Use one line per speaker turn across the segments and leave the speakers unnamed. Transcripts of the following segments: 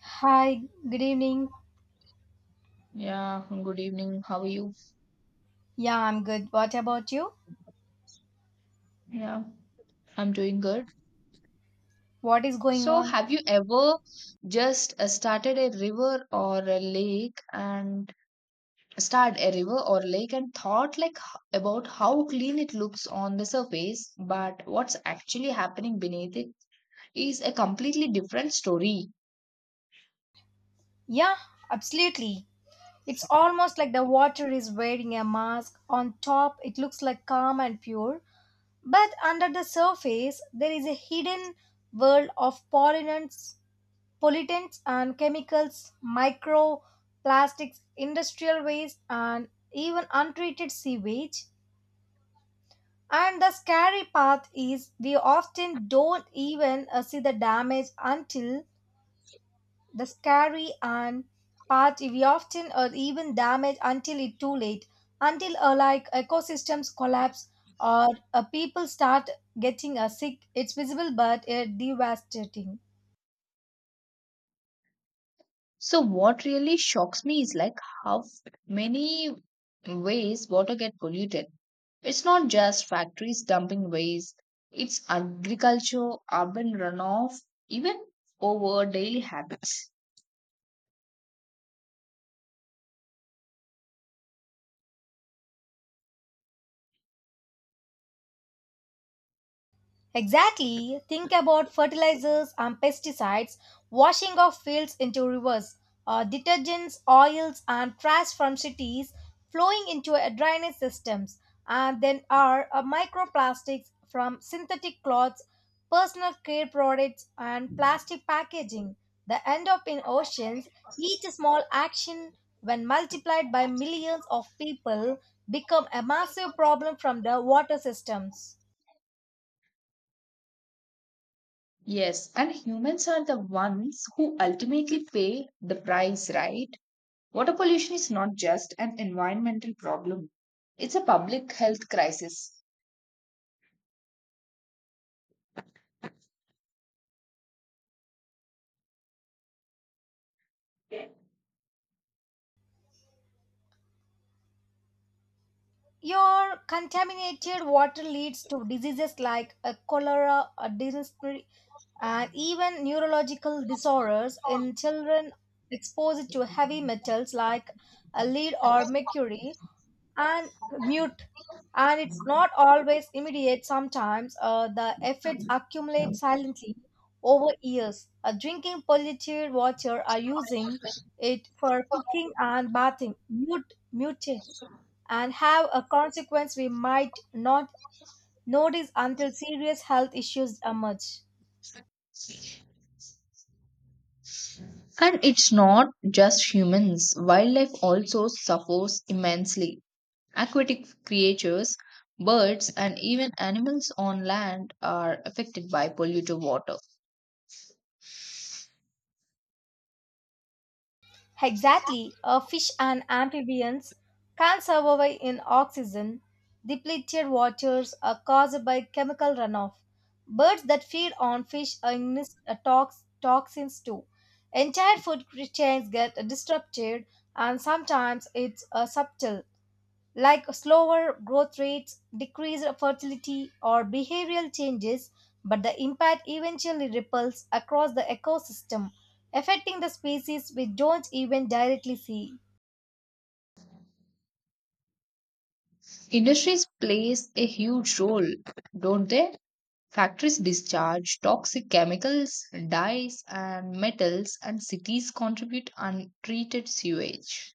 Hi, good evening.
Yeah, good evening. How are you?
Yeah, I'm good. What about you?
Yeah, I'm doing good.
What is going
So,
on?
have you ever just started a river or lake and thought like about how clean it looks on the surface, but what's actually happening beneath it is a completely different story.
Yeah, absolutely. It's almost like the water is wearing a mask. On top, it looks like calm and pure, but under the surface, there is a hidden world of pollutants, pollutants and chemicals, microplastics, industrial waste, and even untreated sewage. And the scary part is we often don't even see the damage until the scary and part we often or even damage until it too late until like ecosystems collapse or people start getting sick, it's visible but devastating.
So what really shocks me is like how many ways water get polluted. It's not just factories dumping waste, it's agriculture, urban runoff, even over daily habits.
Exactly. Think about fertilizers and pesticides, washing of fields into rivers, detergents, oils, and trash from cities flowing into drainage systems. And then are microplastics from synthetic cloths, personal care products, and plastic packaging that end up in oceans. Each small action, when multiplied by millions of people, become a massive problem from the water systems.
Yes, and humans are the ones who ultimately pay the price, right? Water pollution is not just an environmental problem, it's a public health crisis.
Your contaminated water leads to diseases like cholera, dysentery, and even neurological disorders in children exposed to heavy metals like lead or mercury and mute. And it's not always immediate. Sometimes the effects accumulate silently over years. Drinking polluted water or using it for cooking and bathing. Mute, mute and have a consequence we might not notice until serious health issues emerge.
And it's not just humans, wildlife also suffers immensely. Aquatic creatures, birds, and even animals on land are affected by polluted water.
Exactly, a fish and amphibians can survive in oxygen depleted waters are caused by chemical runoff. Birds that feed on fish are ingest toxins too. Entire food chains get disrupted, and sometimes it's subtle. Like slower growth rates, decreased fertility, or behavioral changes, but the impact eventually ripples across the ecosystem, affecting the species we don't even directly see.
Industries plays a huge role, don't they? Factories discharge toxic chemicals, dyes, and metals, and cities contribute untreated sewage.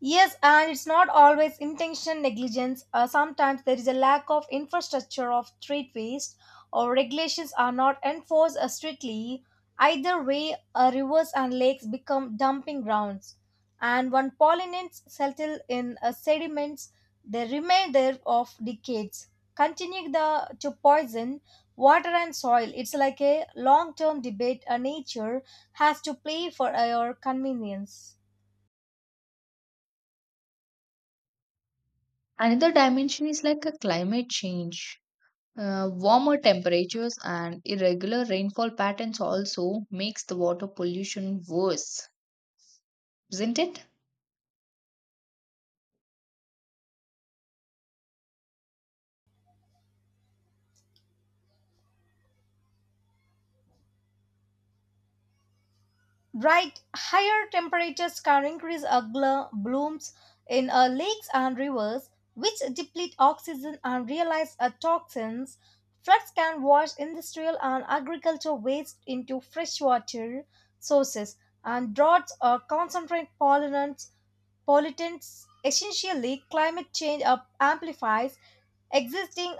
Yes, and it's not always intention negligence. Sometimes there is a lack of infrastructure of street waste, or regulations are not enforced strictly. Either way, rivers and lakes become dumping grounds. And when pollinates settle in sediments, they remain there of decades, continuing to poison water and soil. It's like a long-term debate. Nature has to play for our convenience.
Another dimension is like a climate change. Warmer temperatures and irregular rainfall patterns also makes the water pollution worse, isn't it?
Right, higher temperatures can increase algal blooms in lakes and rivers, which deplete oxygen and release toxins. Floods can wash industrial and agricultural waste into freshwater sources, and droughts concentrate pollutants. Pollutants essentially, climate change amplifies existing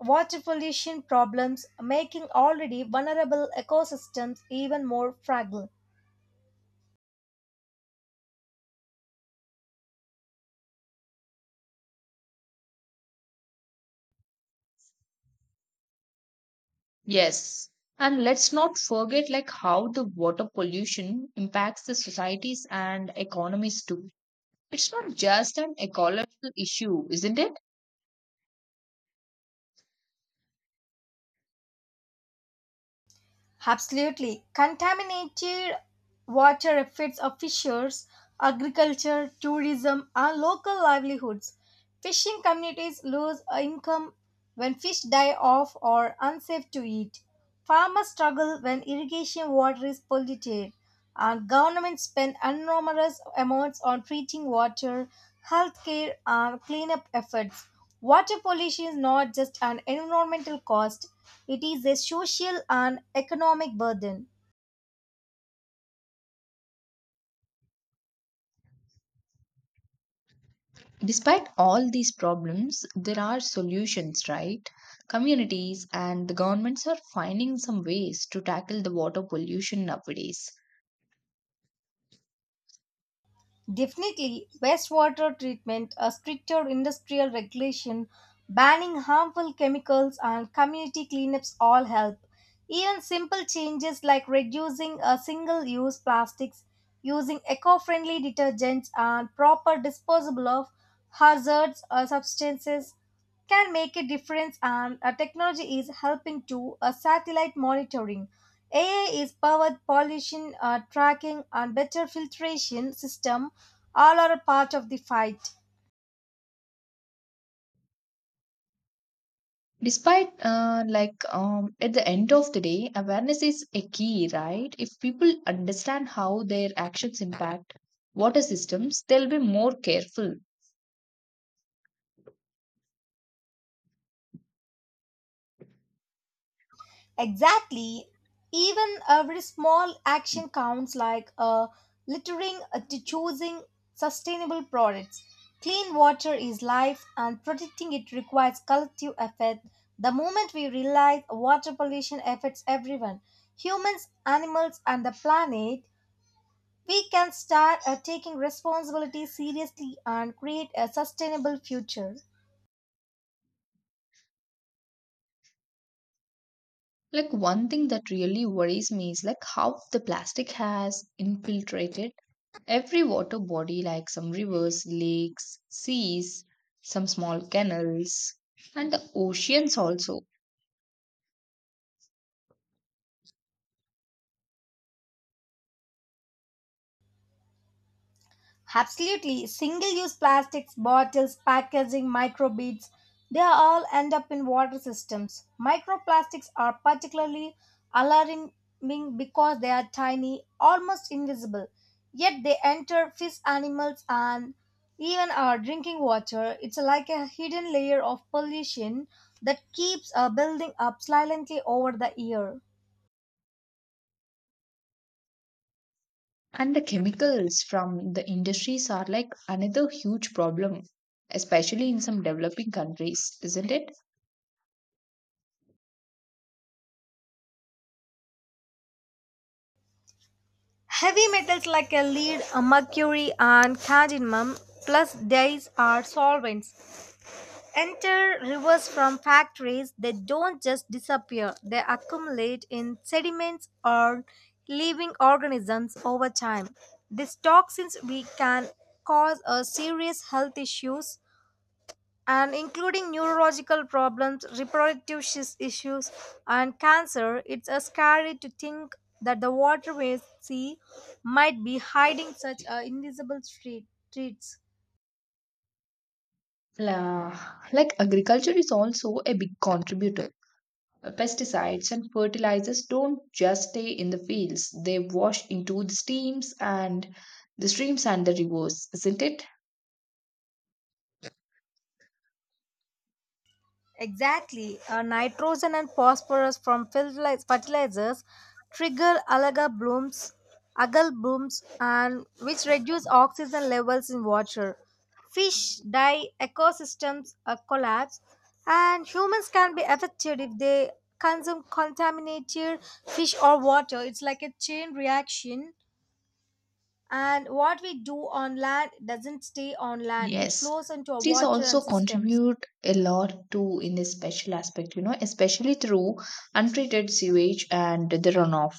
water pollution problems, making already vulnerable ecosystems even more fragile.
Yes. And let's not forget like how the water pollution impacts the societies and economies too. It's not just an ecological issue, isn't it?
Absolutely. Contaminated water affects our fishers, agriculture, tourism, and local livelihoods. Fishing communities lose income when fish die off or unsafe to eat. Farmers struggle when irrigation water is polluted. And government spend enormous amounts on treating water, healthcare, and cleanup efforts. Water pollution is not just an environmental cost, it is a social and economic burden.
Despite all these problems, there are solutions, right? Communities and the governments are finding some ways to tackle the water pollution nowadays.
Definitely, wastewater treatment, a stricter industrial regulation, banning harmful chemicals, and community cleanups all help. Even simple changes like reducing a single use plastics, using eco friendly detergents, and proper disposable of hazards or substances can make a difference and technology is helping to satellite monitoring, AI is powered pollution tracking and better filtration system all are a part of the fight.
At the end of the day, awareness is a key, right? If people understand how their actions impact water systems, they'll be more careful.
Exactly. Even every small action counts, like littering to choosing sustainable products. Clean water is life, and protecting it requires collective effort. The moment we realize water pollution affects everyone, humans, animals, and the planet, we can start taking responsibility seriously and create a sustainable future.
Like, one thing that really worries me is like how the plastic has infiltrated every water body, like some rivers, lakes, seas, some small canals, and the oceans also.
Absolutely. Single use plastics, bottles, packaging, microbeads, they all end up in water systems. Microplastics are particularly alarming because they are tiny, almost invisible, yet they enter fish, animals, and even our drinking water. It's like a hidden layer of pollution that keeps a building up silently over the year.
And the chemicals from the industries are like another huge problem, especially in some developing countries, isn't it?
Heavy metals like a lead, a mercury, and cadmium, plus dyes are solvents, enter rivers from factories. They don't just disappear, they accumulate in sediments or living organisms over time. These toxins we can cause a serious health issues and including neurological problems, reproductive issues, and cancer, it's a scary to think that the water we see might be hiding such a invisible street, threats.
Like agriculture is also a big contributor. Pesticides and fertilizers don't just stay in the fields, they wash into the streams and the rivers, isn't it?
Exactly. Nitrogen and phosphorus from fertilizers trigger algal blooms, and which reduce oxygen levels in water. Fish die, ecosystems collapse, and humans can be affected if they consume contaminated fish or water. It's like a chain reaction. And what we do on land doesn't stay on land. It
Yes,
flows into our
these
water
also
and systems.
contribute a lot to in this special aspect, you know, especially through untreated sewage and the runoff.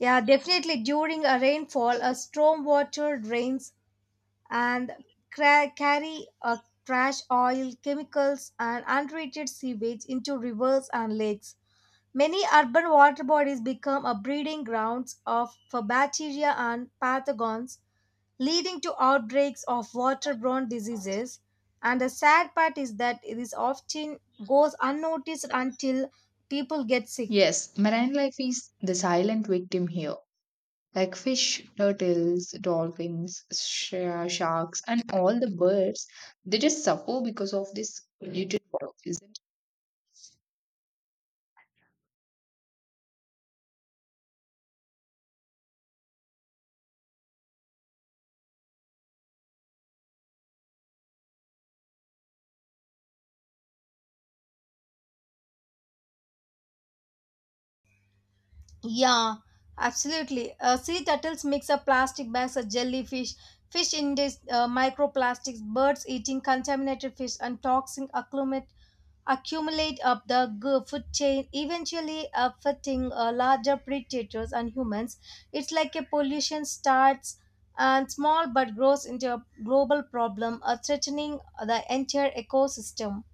Yeah, definitely during a rainfall, a storm water drains and carry a trash, oil, chemicals, and untreated sewage into rivers and lakes. Many urban water bodies become a breeding grounds of for bacteria and pathogens, leading to outbreaks of waterborne diseases. And the sad part is that it is often goes unnoticed until people get sick.
Yes, marine life is the silent victim here. Like fish, turtles, dolphins, sharks, and all the birds, they just suffer because of this polluted water, isn't it?
Yeah, absolutely. Sea turtles mix up plastic bags of jellyfish, fish ingest microplastics, birds eating contaminated fish, and toxins accumulate up the food chain, eventually affecting larger predators and humans. It's like a pollution starts and small but grows into a global problem, threatening the entire ecosystem.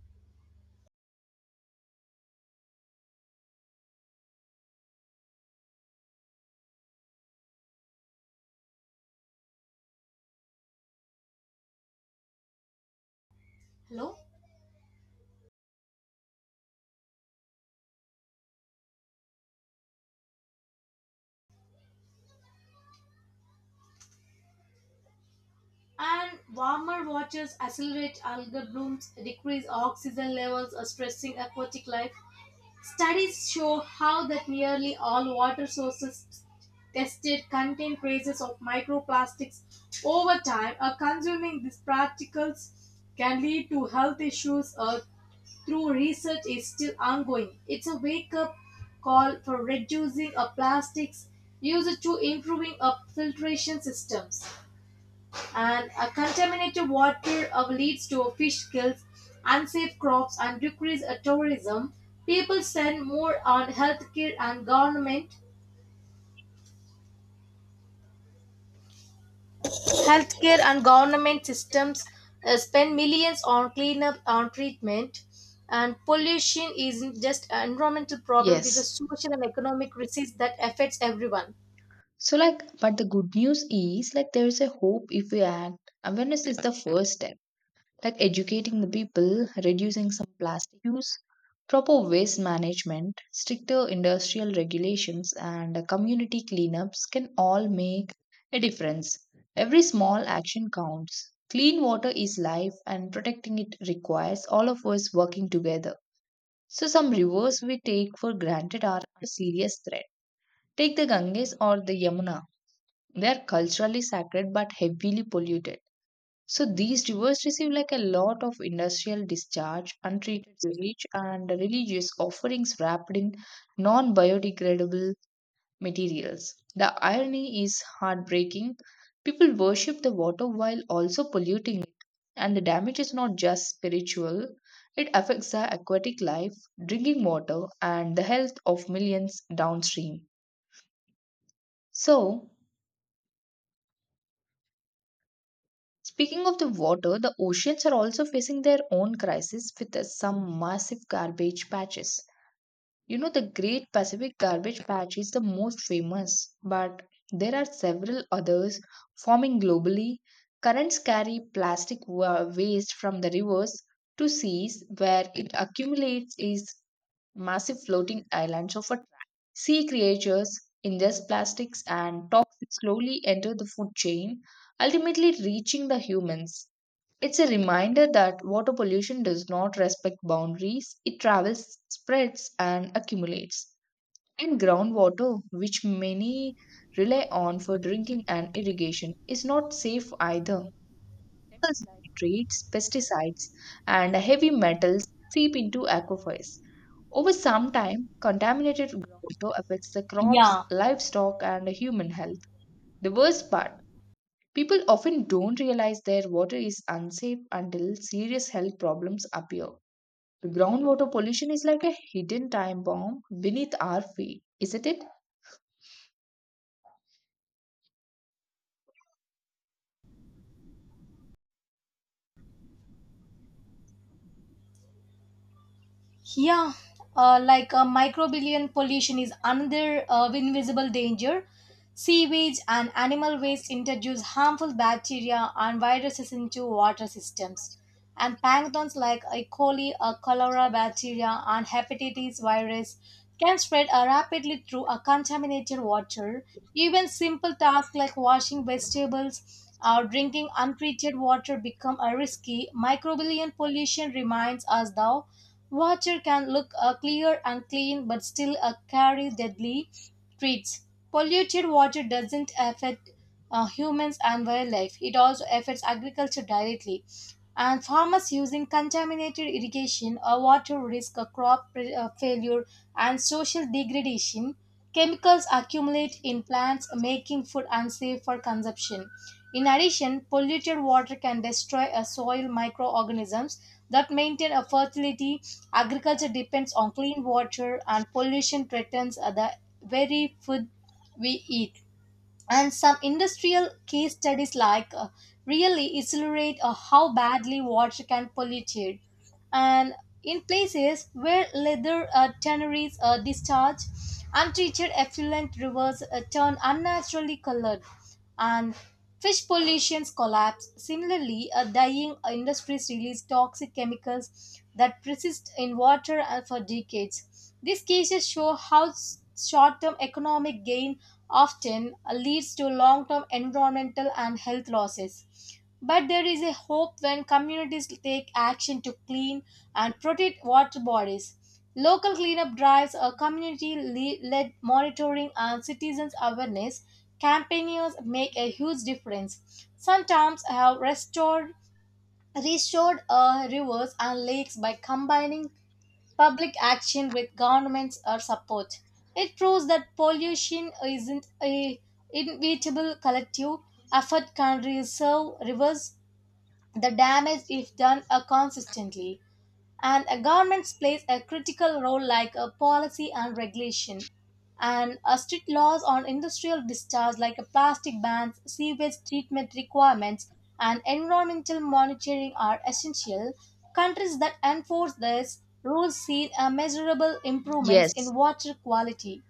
And warmer waters accelerate algal blooms, decrease oxygen levels, stressing aquatic life. Studies show how that nearly all water sources tested contain traces of microplastics over time. Consuming these particles can lead to health issues through research is still ongoing. It's a wake-up call for reducing plastics use to improving filtration systems and contaminated water leads to fish kills, unsafe crops, and decreased tourism. People spend more on healthcare and government systems spend millions on cleanup and treatment, and pollution isn't just an environmental problem, it is a
Yes.
social and economic disease that affects everyone.
So, like, but the good news is, like, there is a hope if we act. Awareness is the first step. Like educating the people, reducing some plastic use, proper waste management, stricter industrial regulations, and community cleanups can all make a difference. Every small action counts. Clean water is life, and protecting it requires all of us working together. So, some rivers we take for granted are a serious threat. Take the Ganges or the Yamuna. They are culturally sacred but heavily polluted. So these rivers receive like a lot of industrial discharge, untreated sewage, and religious offerings wrapped in non biodegradable materials. The irony is heartbreaking. People worship the water while also polluting it, and the damage is not just spiritual, it affects the aquatic life, drinking water, and the health of millions downstream. So, speaking of the water, the oceans are also facing their own crisis with some massive garbage patches. You know, the Great Pacific Garbage Patch is the most famous, but there are several others forming globally. Currents carry waste from the rivers to seas, where it accumulates is massive floating islands of a sea creatures ingest plastics and toxins slowly enter the food chain, ultimately reaching the humans. It's a reminder that water pollution does not respect boundaries, it travels, spreads, and accumulates. And groundwater, which many rely on for drinking and irrigation, is not safe either. Chemicals like nitrates, pesticides, and heavy metals seep into aquifers. Over some time, contaminated groundwater affects the crops,
Yeah,
livestock, and human health. The worst part, people often don't realize their water is unsafe until serious health problems appear. Groundwater pollution is like a hidden time bomb beneath our feet, isn't it?
Yeah, like microbillion pollution is another invisible danger. Sewage and animal waste introduce harmful bacteria and viruses into water systems. And pathogens like E. coli, cholera bacteria, and hepatitis virus can spread rapidly through a contaminated water. Even simple tasks like washing vegetables or drinking untreated water become a risky. Microbillion pollution reminds us, though, water can look clear and clean but still carry deadly treats. Polluted water doesn't affect humans and wildlife, it also affects agriculture directly. And farmers using contaminated irrigation or water risk a failure and social degradation. Chemicals accumulate in plants, making food unsafe for consumption. In addition, polluted water can destroy a soil microorganisms that maintain a fertility. Agriculture depends on clean water, and pollution threatens the very food we eat. And some industrial case studies, like really illustrate how badly water can pollute it. And in places where leather tanneries discharge untreated effluent, rivers turn unnaturally colored and fish pollution's collapse. Similarly, a dying industries release toxic chemicals that persist in water for decades. These cases show how short-term economic gain often leads to long-term environmental and health losses. But there is a hope when communities take action to clean and protect water bodies. Local cleanup drives, a community led monitoring, and citizens' awareness campaigns make a huge difference. Some towns have restored rivers and lakes by combining public action with government's support. It proves that pollution isn't a inevitable collective effort can reserve rivers the damage, if done consistently, and a government plays a critical role like a policy and regulation and a strict laws on industrial discharge like a plastic bans sewage treatment requirements and environmental monitoring are essential, countries that enforce these rules see a measurable improvements in
Yes,
water quality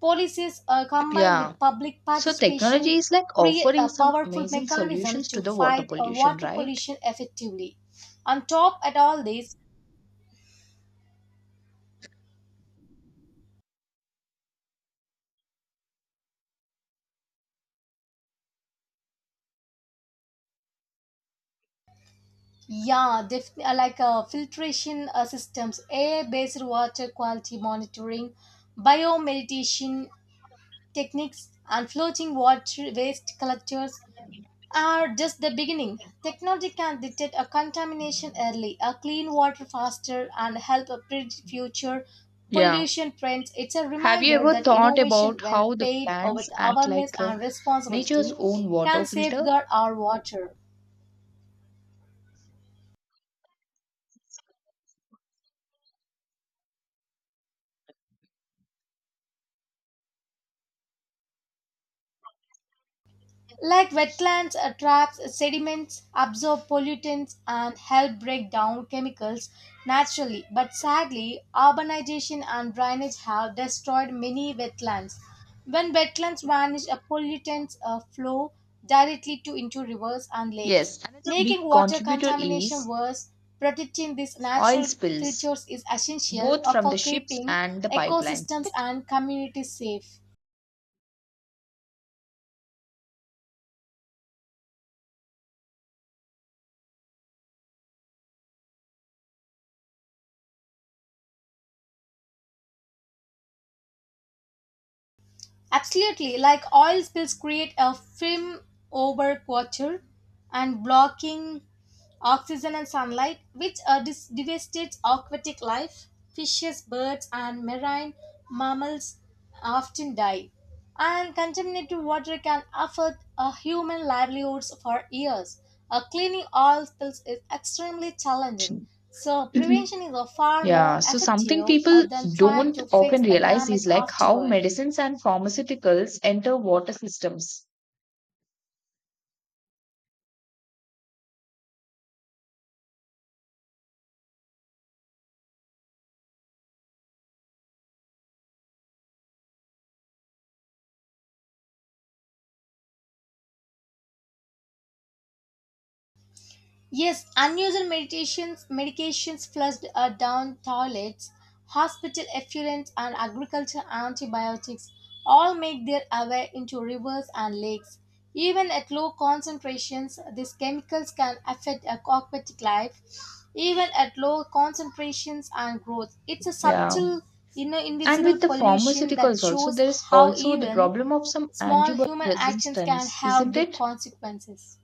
policies combined
yeah.
with public
So
participation
technology is like
create
offering
a
some
powerful
amazing
mechanism
solutions to
to
the water
fight
pollution,
water
right?
pollution effectively on top at all this. Yeah, definitely. Like filtration systems, air-based water quality monitoring, biomeditation techniques, and floating water waste collectors are just the beginning. Technology can detect a contamination early, a clean water faster, and help a predict future
Yeah.
pollution trends. It's a
Have you
reminder
ever
that
thought
innovation,
about
when
how the
paid
wetlands
with
act
awareness
like
and
nature's
responsibility,
own water
can
filter?
safeguard our water. Like wetlands, traps sediments, absorb pollutants, and help break down chemicals naturally. But sadly, urbanization and drainage have destroyed many wetlands. When wetlands vanish, pollutants flow directly to into rivers and lakes,
Yes, another big
making water
contributor
contamination
is
worse. Protecting these
oil
natural
spills,
features is essential
both from the
for
ships
keeping
and the pipeline.
ecosystems and communities safe. Absolutely, like oil spills create a film over quarter and blocking oxygen and sunlight, which devastates aquatic life. Fishes, birds, and marine mammals often die. And contaminated water can affect human livelihoods for years. Cleaning oil spills is extremely challenging. So,
Mhm.
prevention is far more
Yeah, so something
effective
people
than trying
don't
to fix
often
the
realize
damage
is like how
afterward.
medicines and pharmaceuticals enter water systems.
Yes, unusual medications flushed down toilets, hospital effluents, and agriculture antibiotics all make their way into rivers and lakes. Even at low concentrations, these chemicals can affect aquatic life. Even at low concentrations and growth, it's a
Yeah.
subtle, you
And
invisible
with the
pollution that
pharmaceuticals also,
shows
there is
how
also the
even
problem of some
small
antibiotic
human actions can
resistance,
have
isn't
big
it?
consequences.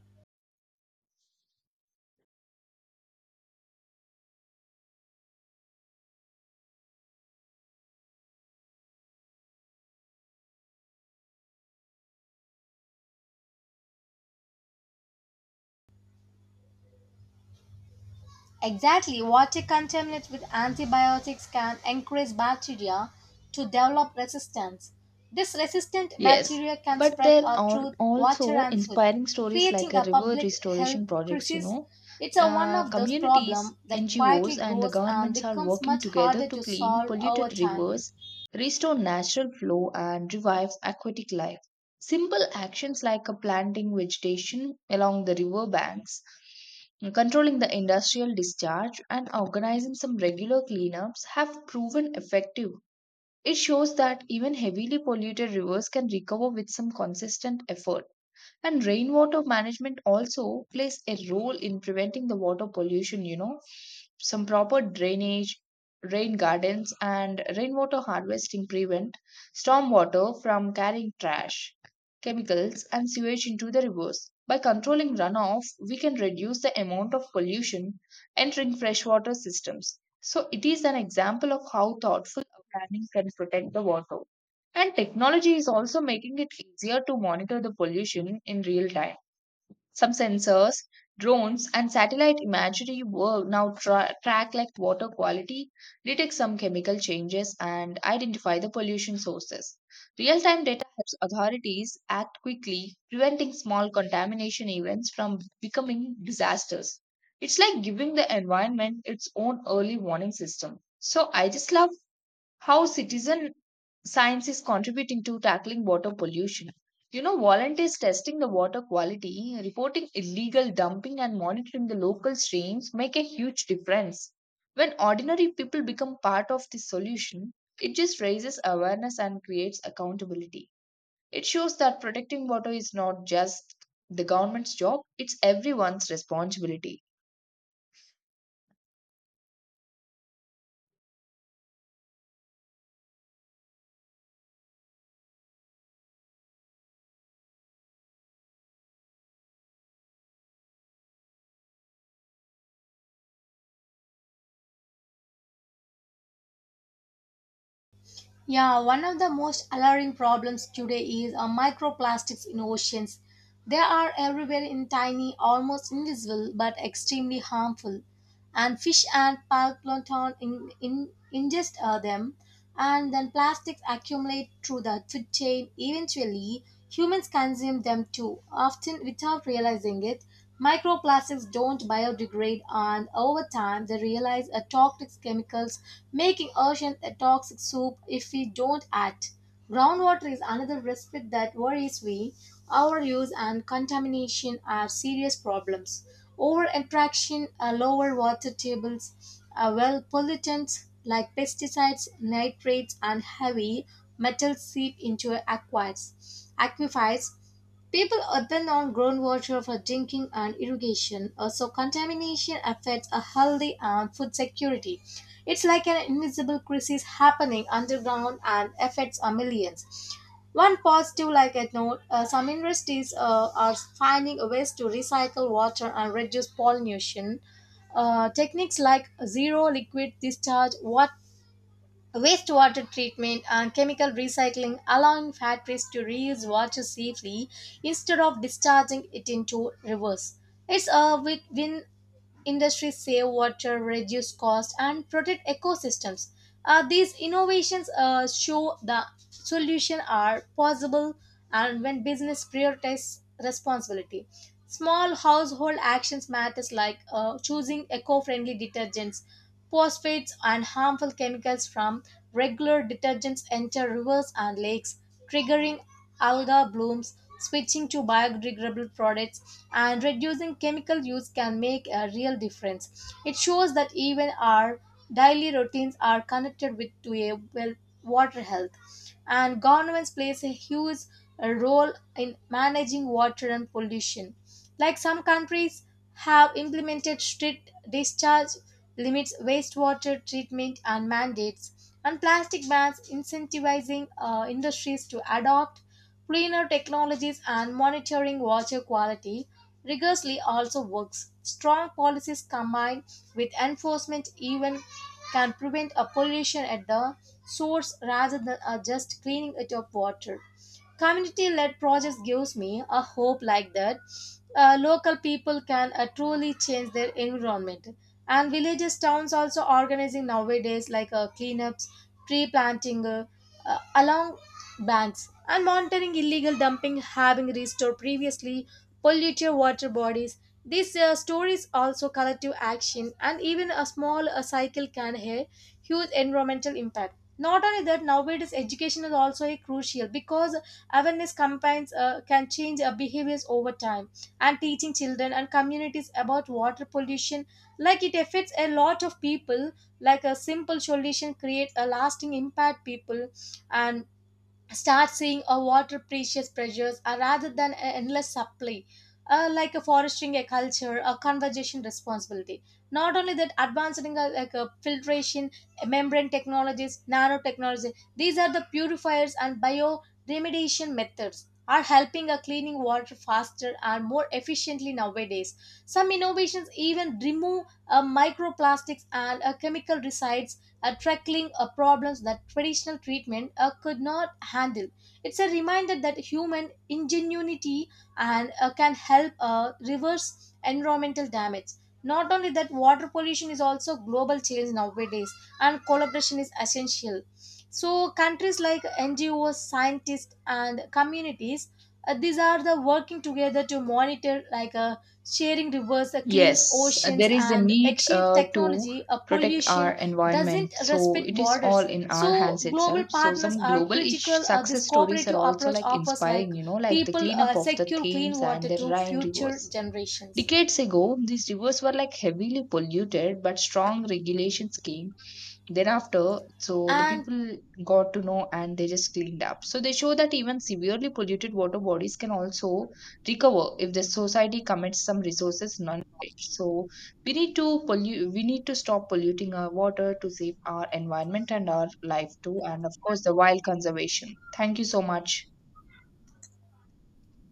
Exactly, water contaminated with antibiotics can encourage bacteria to develop resistance. This resistant
Yes,
bacteria can
but
spread
there are
through water
also
and food,
inspiring stories
creating
like a
a
river
public health
restoration projects, you
crisis.
know.
It's a one
Uh,
of those
communities,
problems that quietly
NGOs, and the
grows and
governments are
becomes
working
much
together
harder
to
to
clean
solve over
polluted
time.
rivers, restore natural flow, and revive aquatic life. Simple actions like a planting vegetation along the river banks, controlling the industrial discharge, and organizing some regular cleanups have proven effective. It shows that even heavily polluted rivers can recover with some consistent effort. And rainwater management also plays a role in preventing the water pollution, you know. Some proper drainage, rain gardens, and rainwater harvesting prevent stormwater from carrying trash, chemicals, and sewage into the rivers. By controlling runoff, we can reduce the amount of pollution entering freshwater systems. So, it is an example of how thoughtful planning can protect the water. And technology is also making it easier to monitor the pollution in real time. Some sensors, drones, and satellite imagery work now track like water quality, detect some chemical changes, and identify the pollution sources. Real time data helps authorities act quickly, preventing small contamination events from becoming disasters. It's like giving the environment its own early warning system. So I just love how citizen science is contributing to tackling water pollution. You know, volunteers testing the water quality, reporting illegal dumping, and monitoring the local streams make a huge difference. When ordinary people become part of the solution, it just raises awareness and creates accountability. It shows that protecting water is not just the government's job, it's everyone's responsibility.
Yeah, one of the most alarming problems today is microplastics in oceans. They are everywhere in tiny, almost invisible, but extremely harmful. And fish and plankton ingest them, and then plastics accumulate through the food chain. Eventually, humans consume them too, often without realizing it. Microplastics don't biodegrade and over time they realize are toxic chemicals, making oceans a toxic soup if we don't act. Groundwater is another risk that worries me. Overuse and contamination are serious problems. Over interaction, lower water tables, well pollutants like pesticides, nitrates, and heavy metals seep into aquifers. Aquifers people are then on groundwater for drinking and irrigation. Also, contamination affects a healthy and food security. It's like an invisible crisis happening underground and affects our millions. One positive, like I know, some industries are finding ways to recycle water and reduce pollution. Techniques like zero liquid discharge water, wastewater treatment and chemical recycling allowing factories to reuse water safely instead of discharging it into rivers. It's a win win. Industries save water, reduce cost, and protect ecosystems. These innovations show the solutions are possible and when business prioritize responsibility. Small household actions matters like choosing eco-friendly detergents, phosphates and harmful chemicals from regular detergents enter rivers and lakes, triggering alga blooms, switching to biodegradable products, and reducing chemical use can make a real difference. It shows that even our daily routines are connected with to a well water health, and governments plays a huge role in managing water and pollution. Like some countries have implemented strict discharge limits, wastewater treatment and mandates, and plastic bans incentivizing industries to adopt cleaner technologies and monitoring water quality rigorously also works. Strong policies combined with enforcement even can prevent a pollution at the source rather than just cleaning it up water community led projects gives me a hope like that local people can truly change their environment and villages towns also organizing nowadays like cleanups tree planting along banks and monitoring illegal dumping having restored previously polluted water bodies these stories also collective action and even a small cycle can have huge environmental impact not only that nowadays education is also a crucial because awareness campaigns can change our behaviors over time, and teaching children and communities about water pollution, like it affects a lot of people, like a simple solution creates a lasting impact people and start seeing a water precious pressures rather than an endless supply like a fostering a culture a conservation responsibility not only that advancing like filtration membrane technologies nanotechnology these are the purifiers and bioremediation methods are helping a cleaning water faster and more efficiently nowadays some innovations even remove microplastics and chemical residues tackling problems that traditional treatment could not handle. It's a reminder that human ingenuity and can help reverse environmental damage. Not only that, water pollution is also global challenge nowadays, and collaboration is essential. So countries like NGOs, scientists, and communities, these are the working together to monitor like sharing rivers, cleans
Yes,
oceans,
there is a
and
need
exchange
to
technology,
protect our
pollution
environment.
doesn't
So
respect
it is
borders.
all in our
So
hands
global
itself. So
partners
some
are
global ish
critical. This
success stories are
cooperative
also
approach
like
offers like
inspiring, you know, like the
people
cleanup of the
secure clean
Thames and
water
the
to
Rhine
future
rivers.
generations.
Decades ago, these rivers were like heavily polluted, but strong regulations came thereafter, so the
And
people got to know and they just cleaned up. So they show that even severely polluted water bodies can also recover if the society commits some resources non-knowledge. So we need to pollute, we need to stop polluting our water to save our environment and our life too, and of course the wild conservation. Thank you so much.